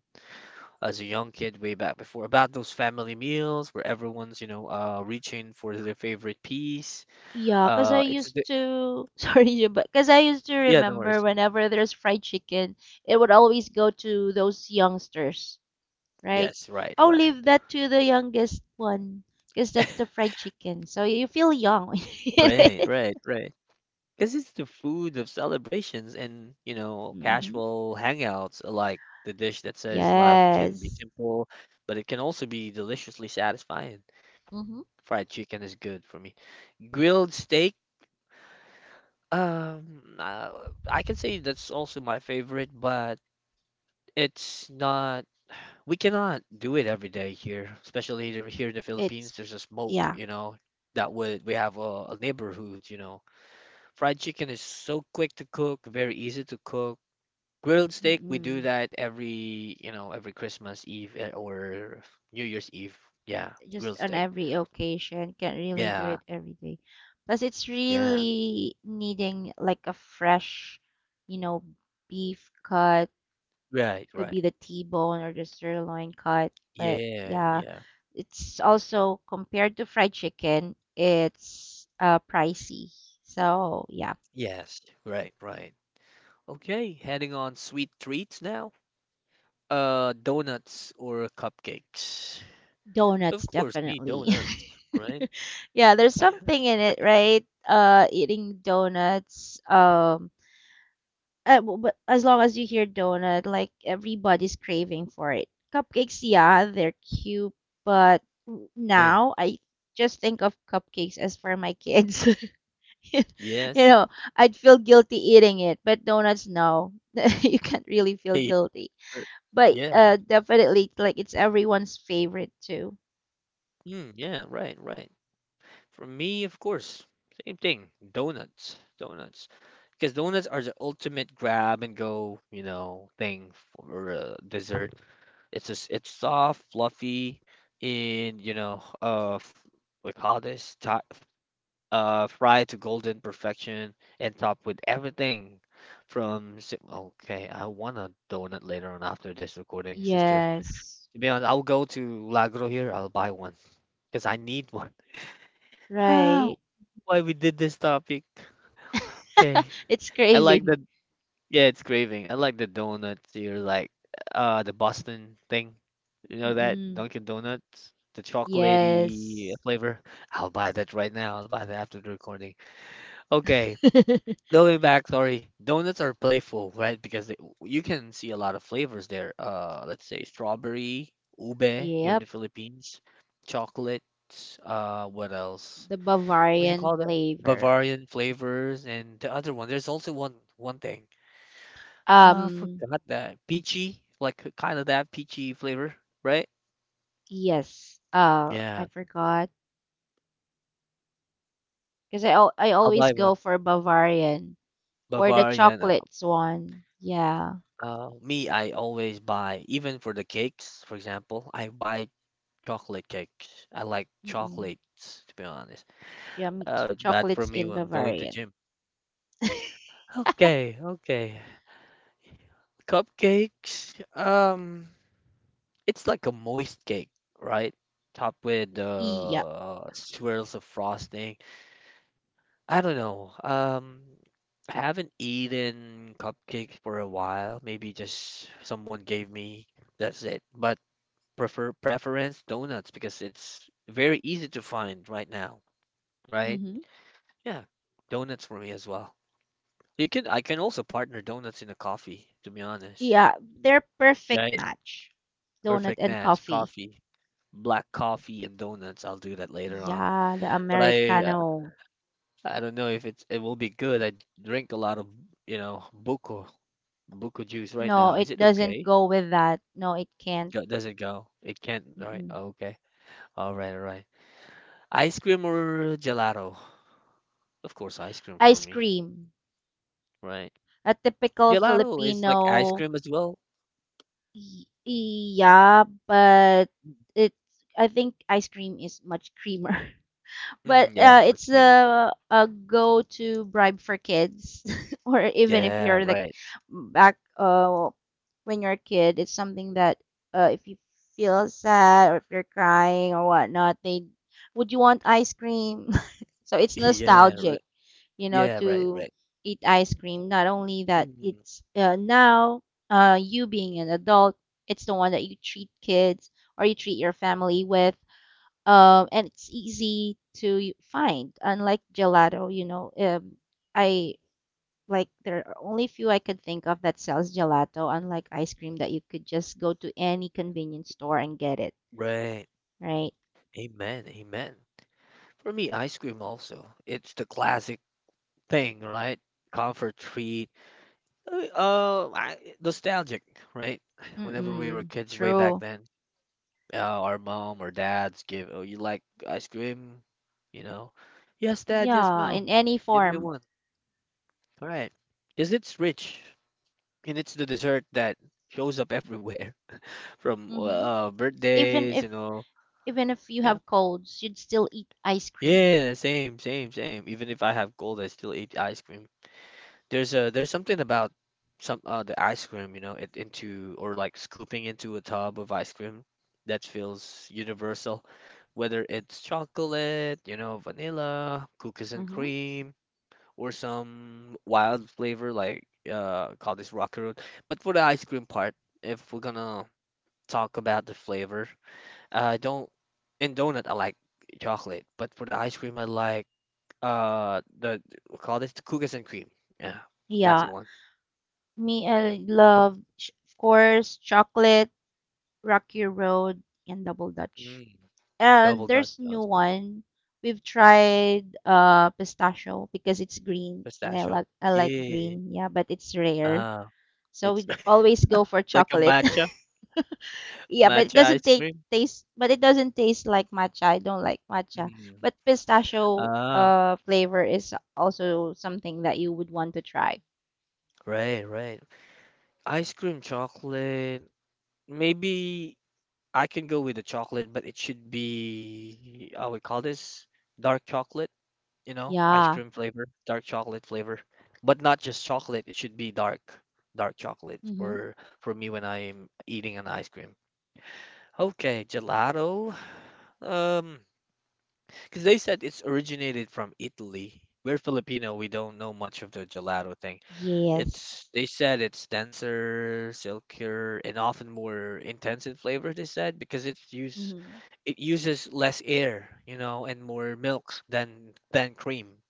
as a young kid way back before, about those family meals where everyone's you know reaching for their favorite piece. Yeah, because I It's used the. to, [LAUGHS] sorry, yeah, but because I used to Yeah, no remember worries. whenever there's fried chicken, it would always go to those youngsters, right? Yes, right, Oh, right, leave that to the youngest one, because that's the fried chicken. So you feel young when [LAUGHS] you eat right, it. right, right. Because it's the food of celebrations and, you know, Mm-hmm. casual hangouts, like the dish that says life can be Yes. simple, but it can also be deliciously satisfying. Mm-hmm. Fried chicken is good for me. Grilled steak, um, uh, I can say that's also my favorite, but it's not, we cannot do it every day here, especially here here in the It's, Philippines. There's a smoke, yeah. you know, that would, we have a neighborhood, you know. Fried chicken is so quick to cook, very easy to cook. Grilled steak, we do Mm-mm. that every, you know, every Christmas Eve eh, or New Year's Eve. Yeah, Just grilled on steak. every occasion. Can't really do Yeah, it every day. Plus, it's yeah. really needing like a fresh, you know, beef cut. Right, Could right. be the T-bone or the sirloin cut. But Yeah, yeah, yeah. it's also compared to fried chicken, it's pricey. So yeah, Yes, right, right. Okay, heading on sweet treats now. Donuts or cupcakes? donuts Of course, me, definitely. donuts, right? [LAUGHS] Yeah, there's [LAUGHS] something in it, right? Eating donuts. But as long as you hear donut, like everybody's craving for it. Cupcakes, yeah, they're cute, but Yeah. now I just think of cupcakes as for my kids. [LAUGHS] you Yes. know, I'd feel guilty eating it, but donuts, no, [LAUGHS] you can't really feel Hey, guilty. [LAUGHS] er, But yeah. Definitely, like it's everyone's favorite too. Mm, yeah, right, right. For me, of course, same thing. Donuts, donuts, because donuts are the ultimate grab and go, you know, thing for dessert. It's soft, fluffy, and you know, f- we call this ti- fried to golden perfection, and topped with everything. Okay, I want a donut later on after this recording, sister. Yes, To be honest, I'll go to Lagro here. I'll buy one because I need one. [SIGHS] right. Why we did this topic. Okay. [LAUGHS] It's I like craving. the, yeah, it's craving. I like the donuts. You're like the Boston thing. You know that Mm-mm. Dunkin' Donuts, the chocolatey Yes. flavor. I'll buy that right now. I'll buy that after the recording. Okay, [LAUGHS] going back. Sorry, donuts are playful, right? Because they, you can see a lot of flavors there. Let's say strawberry, ube here in Yep. the Philippines, chocolate. What else? The What you Bavarian call that? flavor. Bavarian flavors and the other one. There's also one thing. Ah, Um, forgot that. Peachy, like kind of that peachy flavor, right? yes. I Yeah, forgot because I I'll always buy one. go for Bavarian or the Bavarian. Chocolates one. Yeah. Me, I always buy, even for the cakes, for example, I buy chocolate cakes. I like Mm-mm. chocolates, to be honest. Yummy Oh, it's bad for chocolates me in when I'm going to Bavarian. gym. Okay, okay. Cupcakes. It's like a moist cake, right? Topped with Yeah. Swirls of frosting. I don't know. I haven't eaten cupcakes for a while. Maybe just someone gave me. That's it. But preference donuts because it's very easy to find right now, right? Mm-hmm. Yeah, donuts for me as well. You can I can also partner donuts in a coffee, to be honest. Yeah, they're perfect Right? match. Donut Perfect and match, coffee. coffee, black coffee and donuts. I'll do that later on. Yeah, the But Americano. I don't know if it will be good. I drink a lot of, you know, buko juice right now. No, Is it it doesn't okay? go with that. No, it can't. Go, does it go? It can't, all right? Mm-mm. Oh, okay. All right, all right. Ice cream or gelato? Of course, ice cream for Ice me, cream. right? A typical Gelato is like ice Filipino. cream as well. Y- Yeah, but Mm, it. I think ice cream is much creamer. [LAUGHS] But mm, yeah, much it's cream. a go-to bribe for kids, [LAUGHS] or even if Yeah, you're like right. back when you're a kid, it's something that if you feel sad or if you're crying or whatnot, they would you want ice cream? [LAUGHS] So [LAUGHS] it's Yeah, right. nostalgic, Yeah, right, to right. eat ice cream. Not only that, Mm, it's now you being an adult, it's the one that you treat kids or you treat your family with. And it's easy to find, unlike gelato. I like There are only few I could think of that sells gelato, unlike ice cream that you could just go to any convenience store and get it, right. right? Amen, amen. For me, ice cream also. It's the classic thing, right? Comfort treat. I, nostalgic, right? Whenever we were Mm-mm, kids way back true. then, our mom or dads give, oh, you like ice cream? You know, yes, dad, yes, Yeah, mom, in any give me form. one. All right, because it's rich and it's the dessert that shows up everywhere [LAUGHS] from Mm-hmm. Even birthdays, if you know. even if you Yeah, have colds, you'd still eat ice cream. yeah, same, same, same. Even if I have cold, I still eat ice cream. There's something about some the ice cream, you know, it into or like scooping into a tub of ice cream that feels universal, whether it's chocolate, you know, vanilla, cookies and Mm-hmm. cream, or some wild flavor like call this rocky road. But for the ice cream part, if we're gonna talk about the flavor, I don't in donut I like chocolate, but for the ice cream I like the we call this the cookies and cream. Yeah, that's the Yeah, one. me, I love, of course, chocolate, Rocky Road, and Double Dutch. Mm, And double Dutch there's new Lassi. one. We've tried pistachio because it's green and I Pistachio. like I like Yeah. green, yeah, but it's rare. Ah, So it's we [LAUGHS] always go for like a chocolate. matcha, [LAUGHS] Yeah, but it matcha doesn't ice cream. taste but it doesn't taste like matcha. I don't like matcha. Mm. But pistachio Ah, flavor is also something that you would want to try. right, right. Ice cream chocolate. Maybe I can go with the chocolate, but it should be, I would call this dark chocolate, you know, ice Yeah. cream flavor, dark chocolate flavor. But not just chocolate, it should be dark, dark chocolate Mm-hmm. for me when I'm eating an ice cream. Okay, gelato. Um, Because they said it's originated from Italy. We're Filipino, we don't know much of the gelato thing. It's Yes. they said it's denser, silkier, and often more intense in flavor, they said, because Mm-hmm. it uses less air, you know, and more milk than cream.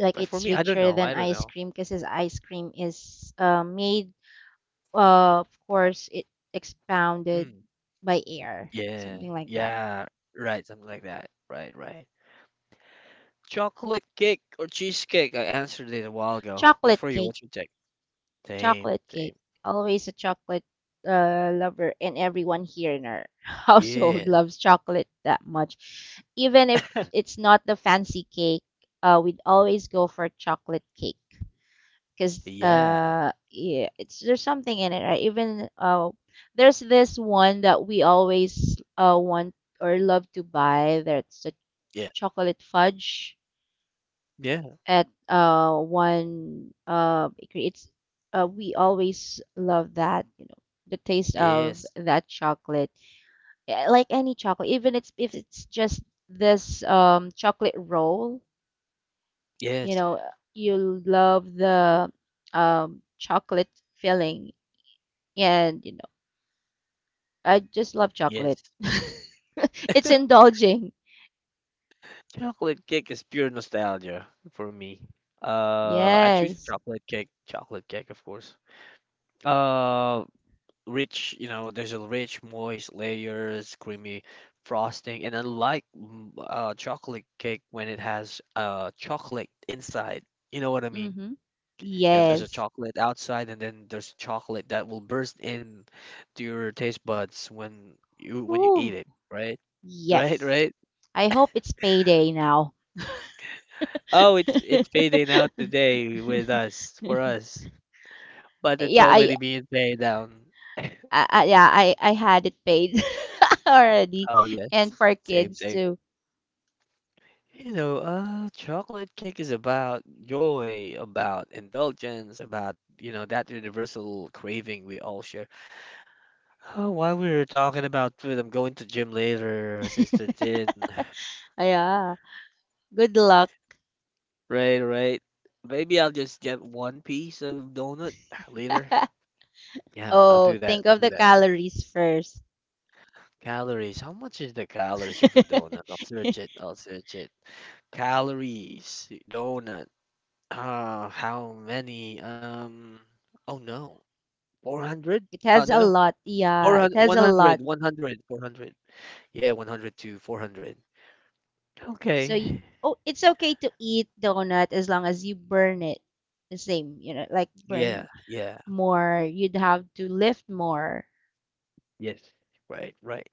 Like But for it's me, I don't richer know. than I don't ice know. cream because his ice cream is made, of course, it expounded Mm, by air, yeah. something like that. Yeah. Right, something like that. Right, right. Chocolate cake or cheesecake? I answered it a while ago. What Chocolate for you? cake. What's your take? Same, Chocolate cake. same. Always a chocolate lover, and everyone here in our [LAUGHS] household Yeah. loves chocolate that much. Even if it's not the fancy cake, we'd always go for chocolate cake because Yeah, yeah, it's there's something in it. Right? Even there's this one that we always want or love to buy. That's the yeah, chocolate fudge yeah, at one bakery. It's We always love that, you know, the taste of yes, that chocolate. Yeah, like any chocolate, even it's if it's just this chocolate roll, you yes, know, you love the chocolate filling, and I just love chocolate. yes. [LAUGHS] It's indulging. Chocolate cake is pure nostalgia for me. I choose Yes. Chocolate cake, of course. Uh, rich, you know, there's a rich, moist layers, creamy frosting, and unlike mm, chocolate cake when it has chocolate inside, you know what I mean? Mm-hmm. Yeah, there's a Yes. chocolate outside, and then there's chocolate that will burst in to your taste buds when you eat Ooh. it, right? Right, Yes. right. I hope it's payday now. Oh, it's [LAUGHS] fading out today with us for us, but it's yeah, I, already being paid down. yeah, I had it paid [LAUGHS] already, Oh yes, and for same, kids same. too. You know, chocolate cake is about joy, about indulgence, about you know that universal craving we all share. Oh, while we were talking about food, I'm going to gym later, Sister [LAUGHS] Tin. Yeah, good luck. Right, right. Maybe I'll just get one piece of donut later. [LAUGHS] Yeah, I'll Oh, do that. think I'll of do the that. calories first. Calories. How much is the calories of a donut? [LAUGHS] I'll It search it. I'll search it. Calories. Donut. How many? Oh no. 400? Has No, a no. lot. Yeah, it 400, has a 100, lot. 100, 400. Yeah, 100 to 400. So y- Okay. oh, it's okay to eat donut as long as you burn it the same. Like Yeah, burn yeah. more. You'd have to lift more Yes. Right, right.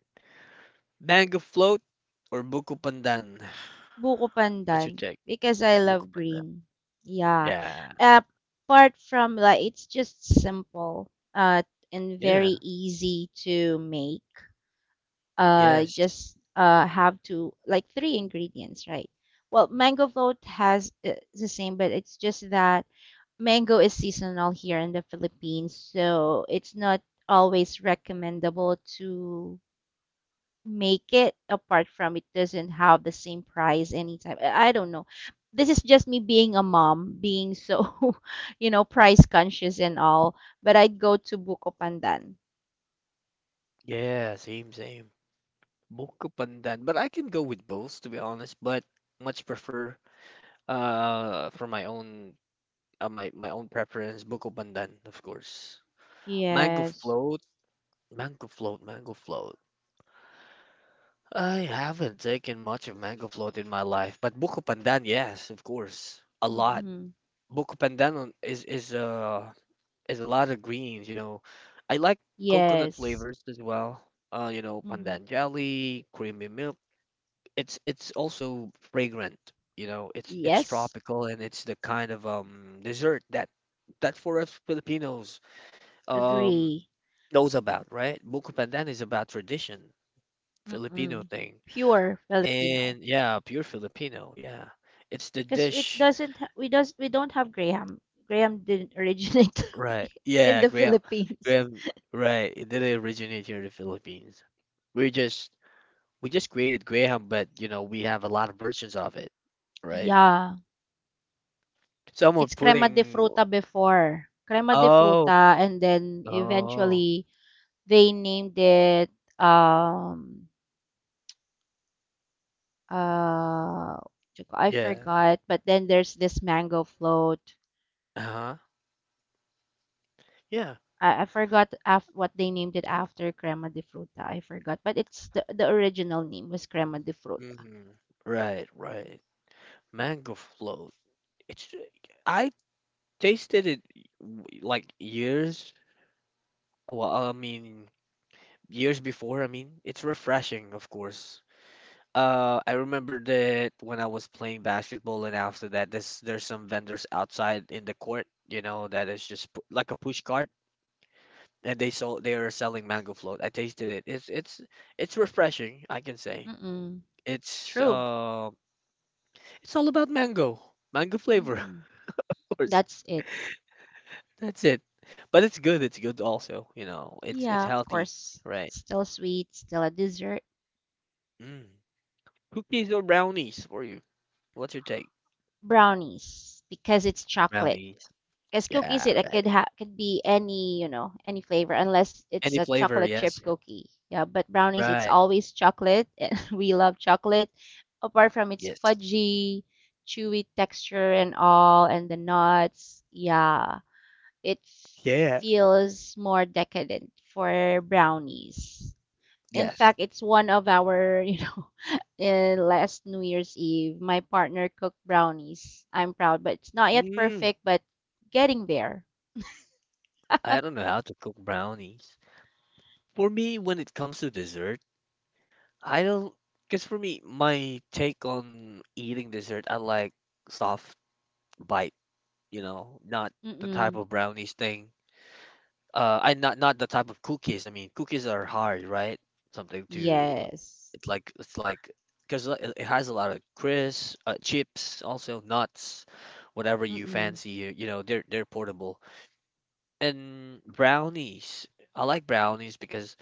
Mango float or buko pandan? Buko What's your Pandan take? because I love Buko pandan. green. Yeah. Yeah. Uh, Apart from that, it's just simple, and Yeah. very easy to make. Yes. Just have to like three ingredients, right? Well, mango float has the same, but it's just that mango is seasonal here in the Philippines, so it's not always recommendable to make it apart from it doesn't have the same price anytime. I don't know. This is just me being a mom, being so, [LAUGHS] you know, price conscious and all. But I'd go to Buko Pandan. Yeah, same, same. Buko Pandan, but I can go with both to be honest, but much prefer for my own my own preference Buko Pandan, of course. Mango Yes. float, mango float, mango float. I haven't taken much of mango float in my life, but Buko Pandan, yes, of course, a lot. Mm-mm. Buko Pandan is a lot of greens, you know. I like coconut Yes. flavors as well. You know, Mm-hmm. pandan jelly, creamy milk. It's also fragrant, you know. It's Yes. tropical and it's the kind of dessert that for us Filipinos um Agree. knows about, right? Buko Pandan is about tradition, Filipino Mm-mm. thing. Pure Filipino. And yeah, pure Filipino, yeah. It's the Because it dish, doesn't, we don't have Graham. Graham didn't originate right? [LAUGHS] in Yeah, the Graham, Philippines. Graham, right. It didn't originate here in the Philippines. We just we just created Graham, but you know, we have a lot of versions of it, right? Yeah. Someone It's crema de putting. fruta before. Crema de Oh. fruta, and then Oh, eventually they named it um uh I yeah. forgot, but then there's this mango float. Uh-huh. Yeah. I forgot what they named it after crema de fruta. I forgot, but it's the original name was crema de fruta. Hmm. Right, right. Mango float. It's I tasted it like Well, I mean years before. I mean, it's refreshing, of course. I remember that when I was playing basketball, and after that, there's some vendors outside in the court, you know, that is just like a push cart, and they are selling mango float. I tasted it. It's refreshing, I can say. Mm-mm. It's True. uh, it's all about mango, mango flavor, Mm-mm. [LAUGHS] of course. That's it. That's it. But it's good. It's good also. You know, it's Yeah, of healthy, course. right? Still sweet, still a dessert. Mm. Cookies or brownies for you? What's your take? Brownies because it's chocolate. Brownies. Because cookies, Yeah, it right. could ha could be any, you know, any flavor unless it's Any a flavor? chocolate chip Yes. cookie. Yeah, but brownies, it's Right. always chocolate. [LAUGHS] And we love chocolate. Apart from its Yes. fudgy, chewy texture and all, and the nuts. Yeah, it Yeah. feels more decadent for brownies. In Yes. fact, it's one of our, [LAUGHS] in last New Year's Eve, my partner cooked brownies. I'm proud, but it's not yet Mm. perfect, but getting there. I don't know how to cook brownies. For me, when it comes to dessert, I don't. Because for me, my take on eating dessert, I like soft bite. You know, not the type Mm-mm. of brownies thing. I not not the type of cookies. I mean, cookies are hard, right? Something to Yes. It's like because it has a lot of crisps, chips, also nuts, whatever you Mm-mm. fancy. You know, they're portable. And brownies, I like brownies because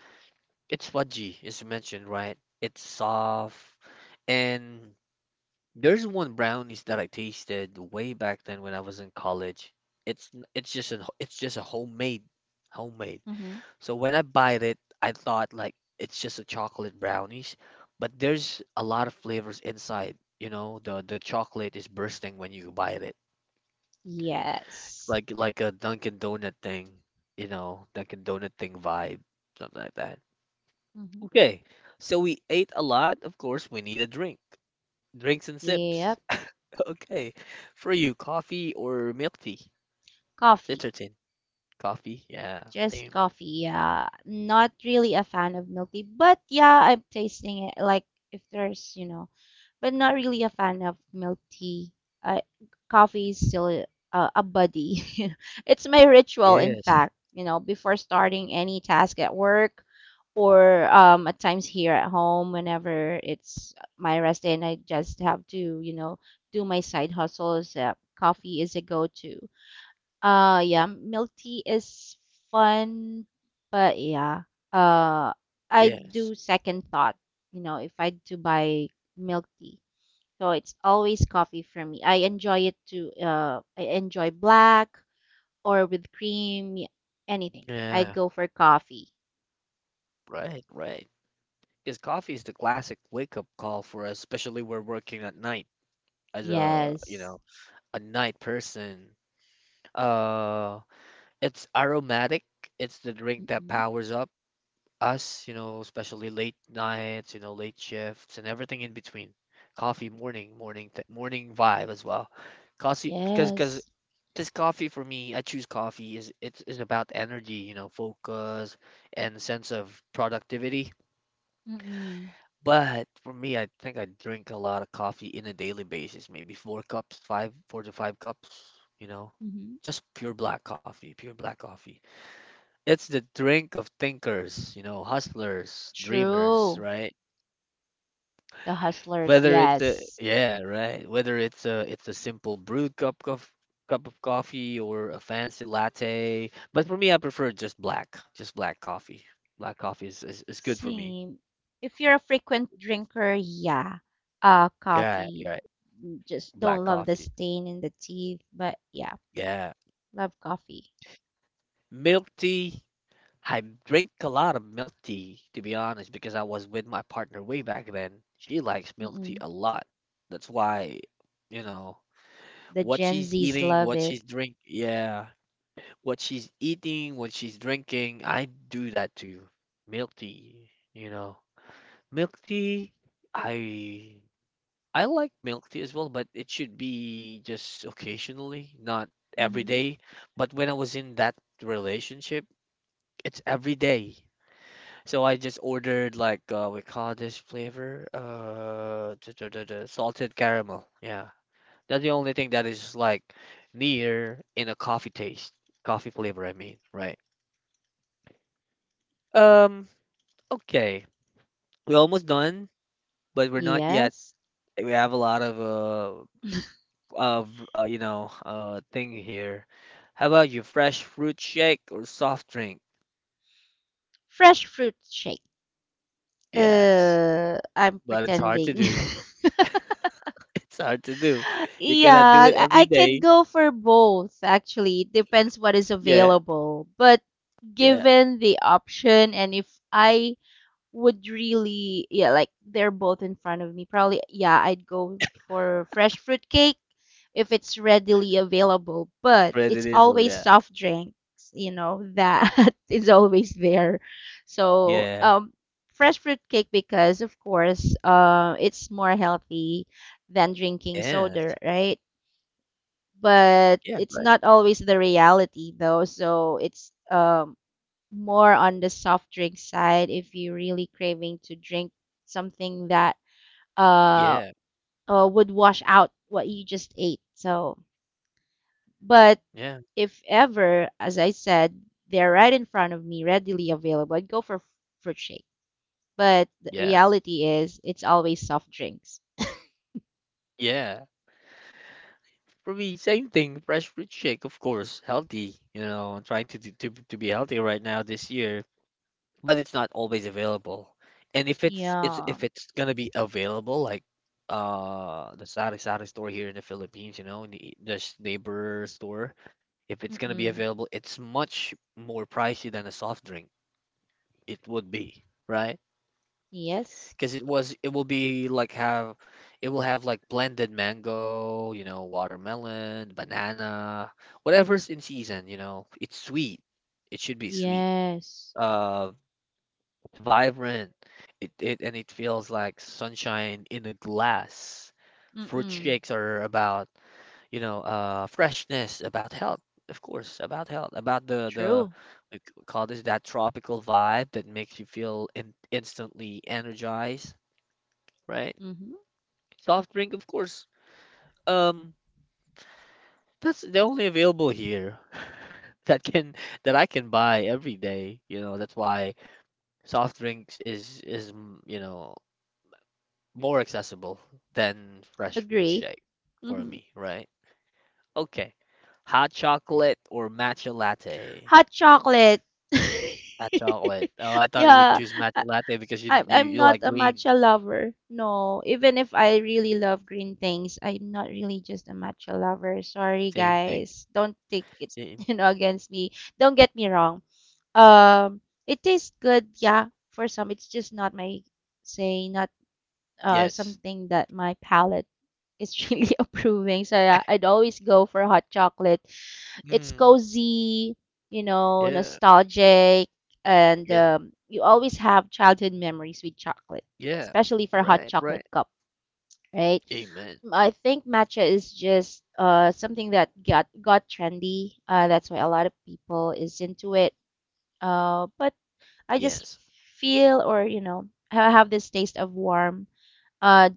it's fudgy, as you mentioned, right? It's soft, and there's one brownies that I tasted way back then when I was in college. It's just a homemade homemade. Mm-hmm. So when I bite it, I thought like it's just a chocolate brownies, but there's a lot of flavors inside. You know, the chocolate is bursting when you bite it, Yes. like a Dunkin' Donut thing. You know, Dunkin' Donut thing vibe, something like that. Mm-hmm. Okay, so we ate a lot. Of course, we need a drink. Drinks and sips. Yep. [LAUGHS] Okay. For you, coffee or milk tea? Coffee. Citron. Coffee. Yeah. Just Same. coffee. Yeah. Not really a fan of milk tea, but yeah, I'm tasting it. Like if there's, you know, but not really a fan of milk tea. I, coffee is still a buddy. [LAUGHS] It's my ritual, in Yes. fact, you know, before starting any task at work or at times here at home, whenever it's my rest day and I just have to, you know, do my side hustles, coffee is a go to. Yeah, milk tea is fun, but yeah, uh, I Yes. do second thought, you know, if I do buy milk tea. So it's always coffee for me. I enjoy it to I enjoy black or with cream, anything. I'd Yeah. go for coffee. Right. Right. Because coffee is the classic wake-up call for us, especially we're working at night as a, you Yes. know, a night person. Uh, it's aromatic. It's the drink that Mm-mm. powers up us, you know, especially late nights, you know, late shifts and everything in between. Coffee, morning, morning, th morning vibe as well. Coffee, because Yes. this coffee for me, I choose coffee is about energy, you know, focus and sense of productivity. Mm-mm. But for me, I think I drink a lot of coffee in a daily basis, maybe four cups, four to five cups, you know. Mm-hmm. Just pure black coffee, pure black coffee. It's the drink of thinkers, you know, hustlers, dreamers, True. right? The hustlers, Whether it's a yes. yeah, right. Whether it's a simple brewed cup of coffee or a fancy latte. But for me, I prefer just black coffee. Black coffee is good for me. Same. If you're a frequent drinker, yeah. Yeah, Coffee. yeah, Just black don't love the coffee. stain in the teeth, but yeah, Yeah. love coffee. Milk tea. I drink a lot of milk tea, to be honest, because I was with my partner way back then. She likes milk tea Mm-mm. a lot. That's why, you know, The what Gen she's Zs eating, love what it. she's drink. Yeah, what she's eating, what she's drinking. I do that too. Milk tea, you know. Milk tea, I I like milk tea as well, but it should be just occasionally, not every Mm-hmm. day. But when I was in that relationship, it's every day. So I just ordered like we call this flavor salted caramel. Yeah. That's the only thing that is like near in a coffee taste, coffee flavor, I mean, right? Um, Okay, we're almost done, but we're not yet. Yes. We have a lot of you know thing here. How about you, fresh fruit shake or soft drink? Fresh fruit shake. Yes, I'm but it's hard to pretending. do. [LAUGHS] [LAUGHS] It's hard to do. You cannot do Yeah, it every I can day. go for both actually. It depends what is Yeah, available. But yeah. given the option and if I would really, yeah, like they're both in front of me. Probably, yeah, I'd go for fresh fruit cake if it's readily available, but it's Predictable. always Yeah, soft drinks, you know, that [LAUGHS] is always there. So, yeah, fresh fruit cake because of course, it's more healthy than drinking soda, yes, right? But yeah, it's right. not always the reality though, so it's more on the soft drink side if you're really craving to drink something that uh, Yeah, would wash out what you just ate. So, but yeah, if ever, as I said, they're right in front of me, readily available, I'd go for fruit shake. But the yeah, reality is, it's always soft drinks. yeah. For me, same thing. Fresh fruit shake, of course, healthy. You know, I'm trying to do- to be healthy right now this year but it's not always available. And if it's it's Yeah. if it's gonna be available, like the sari-sari store here in the Philippines, you know, in the neighbor store, if it's gonna be Mm-mm. available, it's much more pricey than a soft drink. It would be, right? Yes. Because it will be like have it will have like blended mango, you know, watermelon, banana, whatever's in season, you know. It's sweet. It should be sweet. Yes. Uh, vibrant. It feels like sunshine in a glass. Fruit Mm-mm. shakes are about, you know, freshness, about health, of course, about health, about the True. Call this that tropical vibe that makes you feel instantly energized, right? Mm-hmm. Soft drink, of course. Um, that's the only available here [LAUGHS] that can that I can buy every day. You know, that's why soft drinks is mm, you know more accessible than fresh fruit Agree. shake for Mm-hmm. me, right? Okay. Hot chocolate or matcha latte? Hot chocolate. [LAUGHS] Hot chocolate. Oh, I thought you would Yeah, choose I, matcha latte because I- I'm you not like a green. matcha lover. No, even if I really love green things, I'm not really just a matcha lover. Sorry, Same thing. guys. Don't take it, Same. [LAUGHS] you know, against me. Don't get me wrong. Um, it tastes good, yeah, for some. It's just not my, say, not Yes. something that my palate is [LAUGHS] really approving. So yeah, I'd always go for hot chocolate. It's Mm. cozy, you know, Yeah. nostalgic, and Yeah. You always have childhood memories with chocolate, Yeah. especially for a hot Right. chocolate Right. cup, right? Amen. I think matcha is just something that got trendy. That's why a lot of people is into it. But I just Yes. feel, or you know, I have this taste of warm, uh,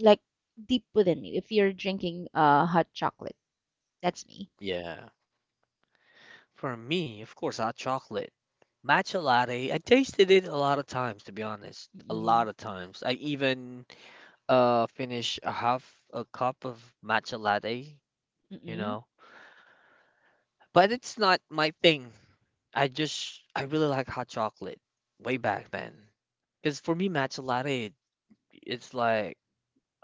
like deep within me. If you're drinking hot chocolate, that's me. Yeah. For me, of course, hot chocolate. Matcha latte, I tasted it a lot of times, to be honest. A Mm-mm. lot of times. I even finish a half a cup of matcha latte, you Mm-mm. know. But it's not my thing. I just I really like hot chocolate way back then. Because for me matcha latte it's like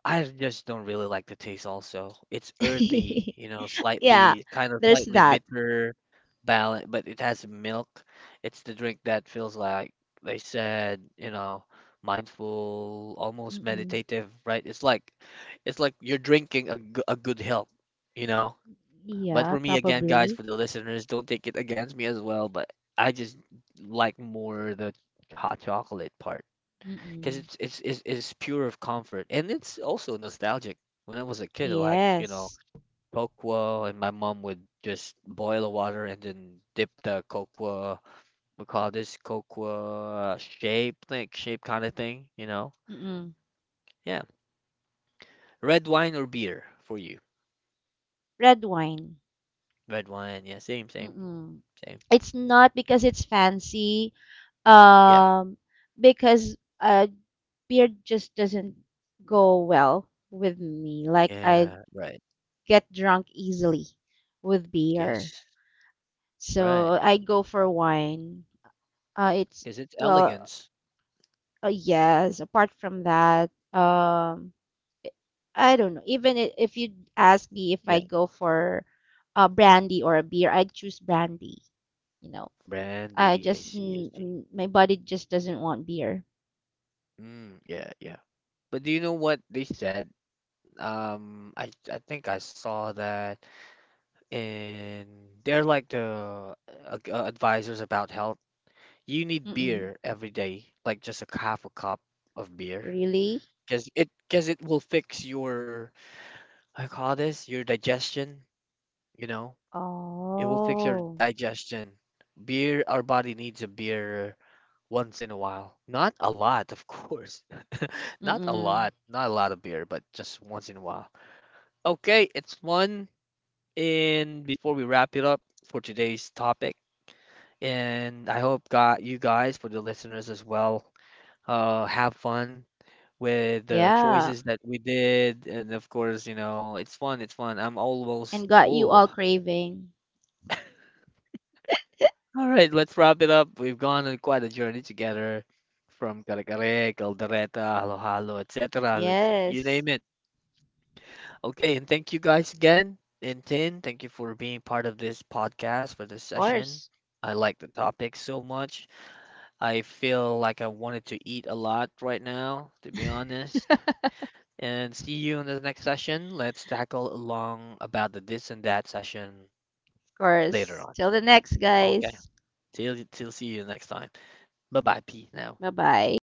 I just don't really like the taste also. It's earthy, [LAUGHS] you know, Yeah, slightly kind of there's slightly that. bitter balance, but it has milk. It's the drink that feels like they said, you know, mindful, almost Mm-mm. meditative, right? It's like you're drinking a, a good health, you know. But Yeah, for me again, guys, probably. for the listeners, don't take it against me as well, but I just like more the hot chocolate part because Mm-mm. it's pure of comfort and it's also nostalgic. When I was a kid, like you know, Yes. cocoa, and my mom would just boil the water and then dip the cocoa. We call this cocoa shape, like shape kind of thing, you know. Mm-mm. Yeah, red wine or beer for you. Red wine. Red wine, yeah, Mm-mm. same. It's not because it's fancy, Yeah, um, because beer just doesn't go well with me. Like I yeah, right. get drunk easily with beer, Yes, right. so I go for wine. It's Because it's well. elegance. Yes, apart from that, I don't know. Even if you ask me if I Yeah, go for a brandy or a beer, I'd choose brandy. You know, brandy. I I just see, I see. My body just doesn't want beer. Mm, yeah, yeah. But do you know what they said? I think I saw that, and they're like the advisors about health. You need Mm-mm. beer every day, like just a half a cup of beer, Really? Because it will fix your I call this your digestion. You know, it will fix your Oh. digestion. Beer, our body needs a beer once in a while. Not a lot, of course. [LAUGHS] Not a Mm-mm. lot, not a lot of beer, but just once in a while. Okay, it's one. And before we wrap it up for today's topic, and I hope got you guys for the listeners as well, have fun with the Yeah. choices that we did, and of course, you know, it's fun, it's fun. I'm almost And got you full. all craving. All right, let's wrap it up. We've gone on quite a journey together from Caracare, Caldereta, Halo-Halo, etc. Let's, you Yes. name it. Okay, and thank you guys again. And Tin, thank you for being part of this podcast for this Of session. course. I like the topic so much. I feel like I wanted to eat a lot right now, to be honest. And see you in the next session. Let's tackle along about the this and that session Of later course. on. Till the next, Okay. guys. Till see you next time. Bye bye, P now. Bye-bye.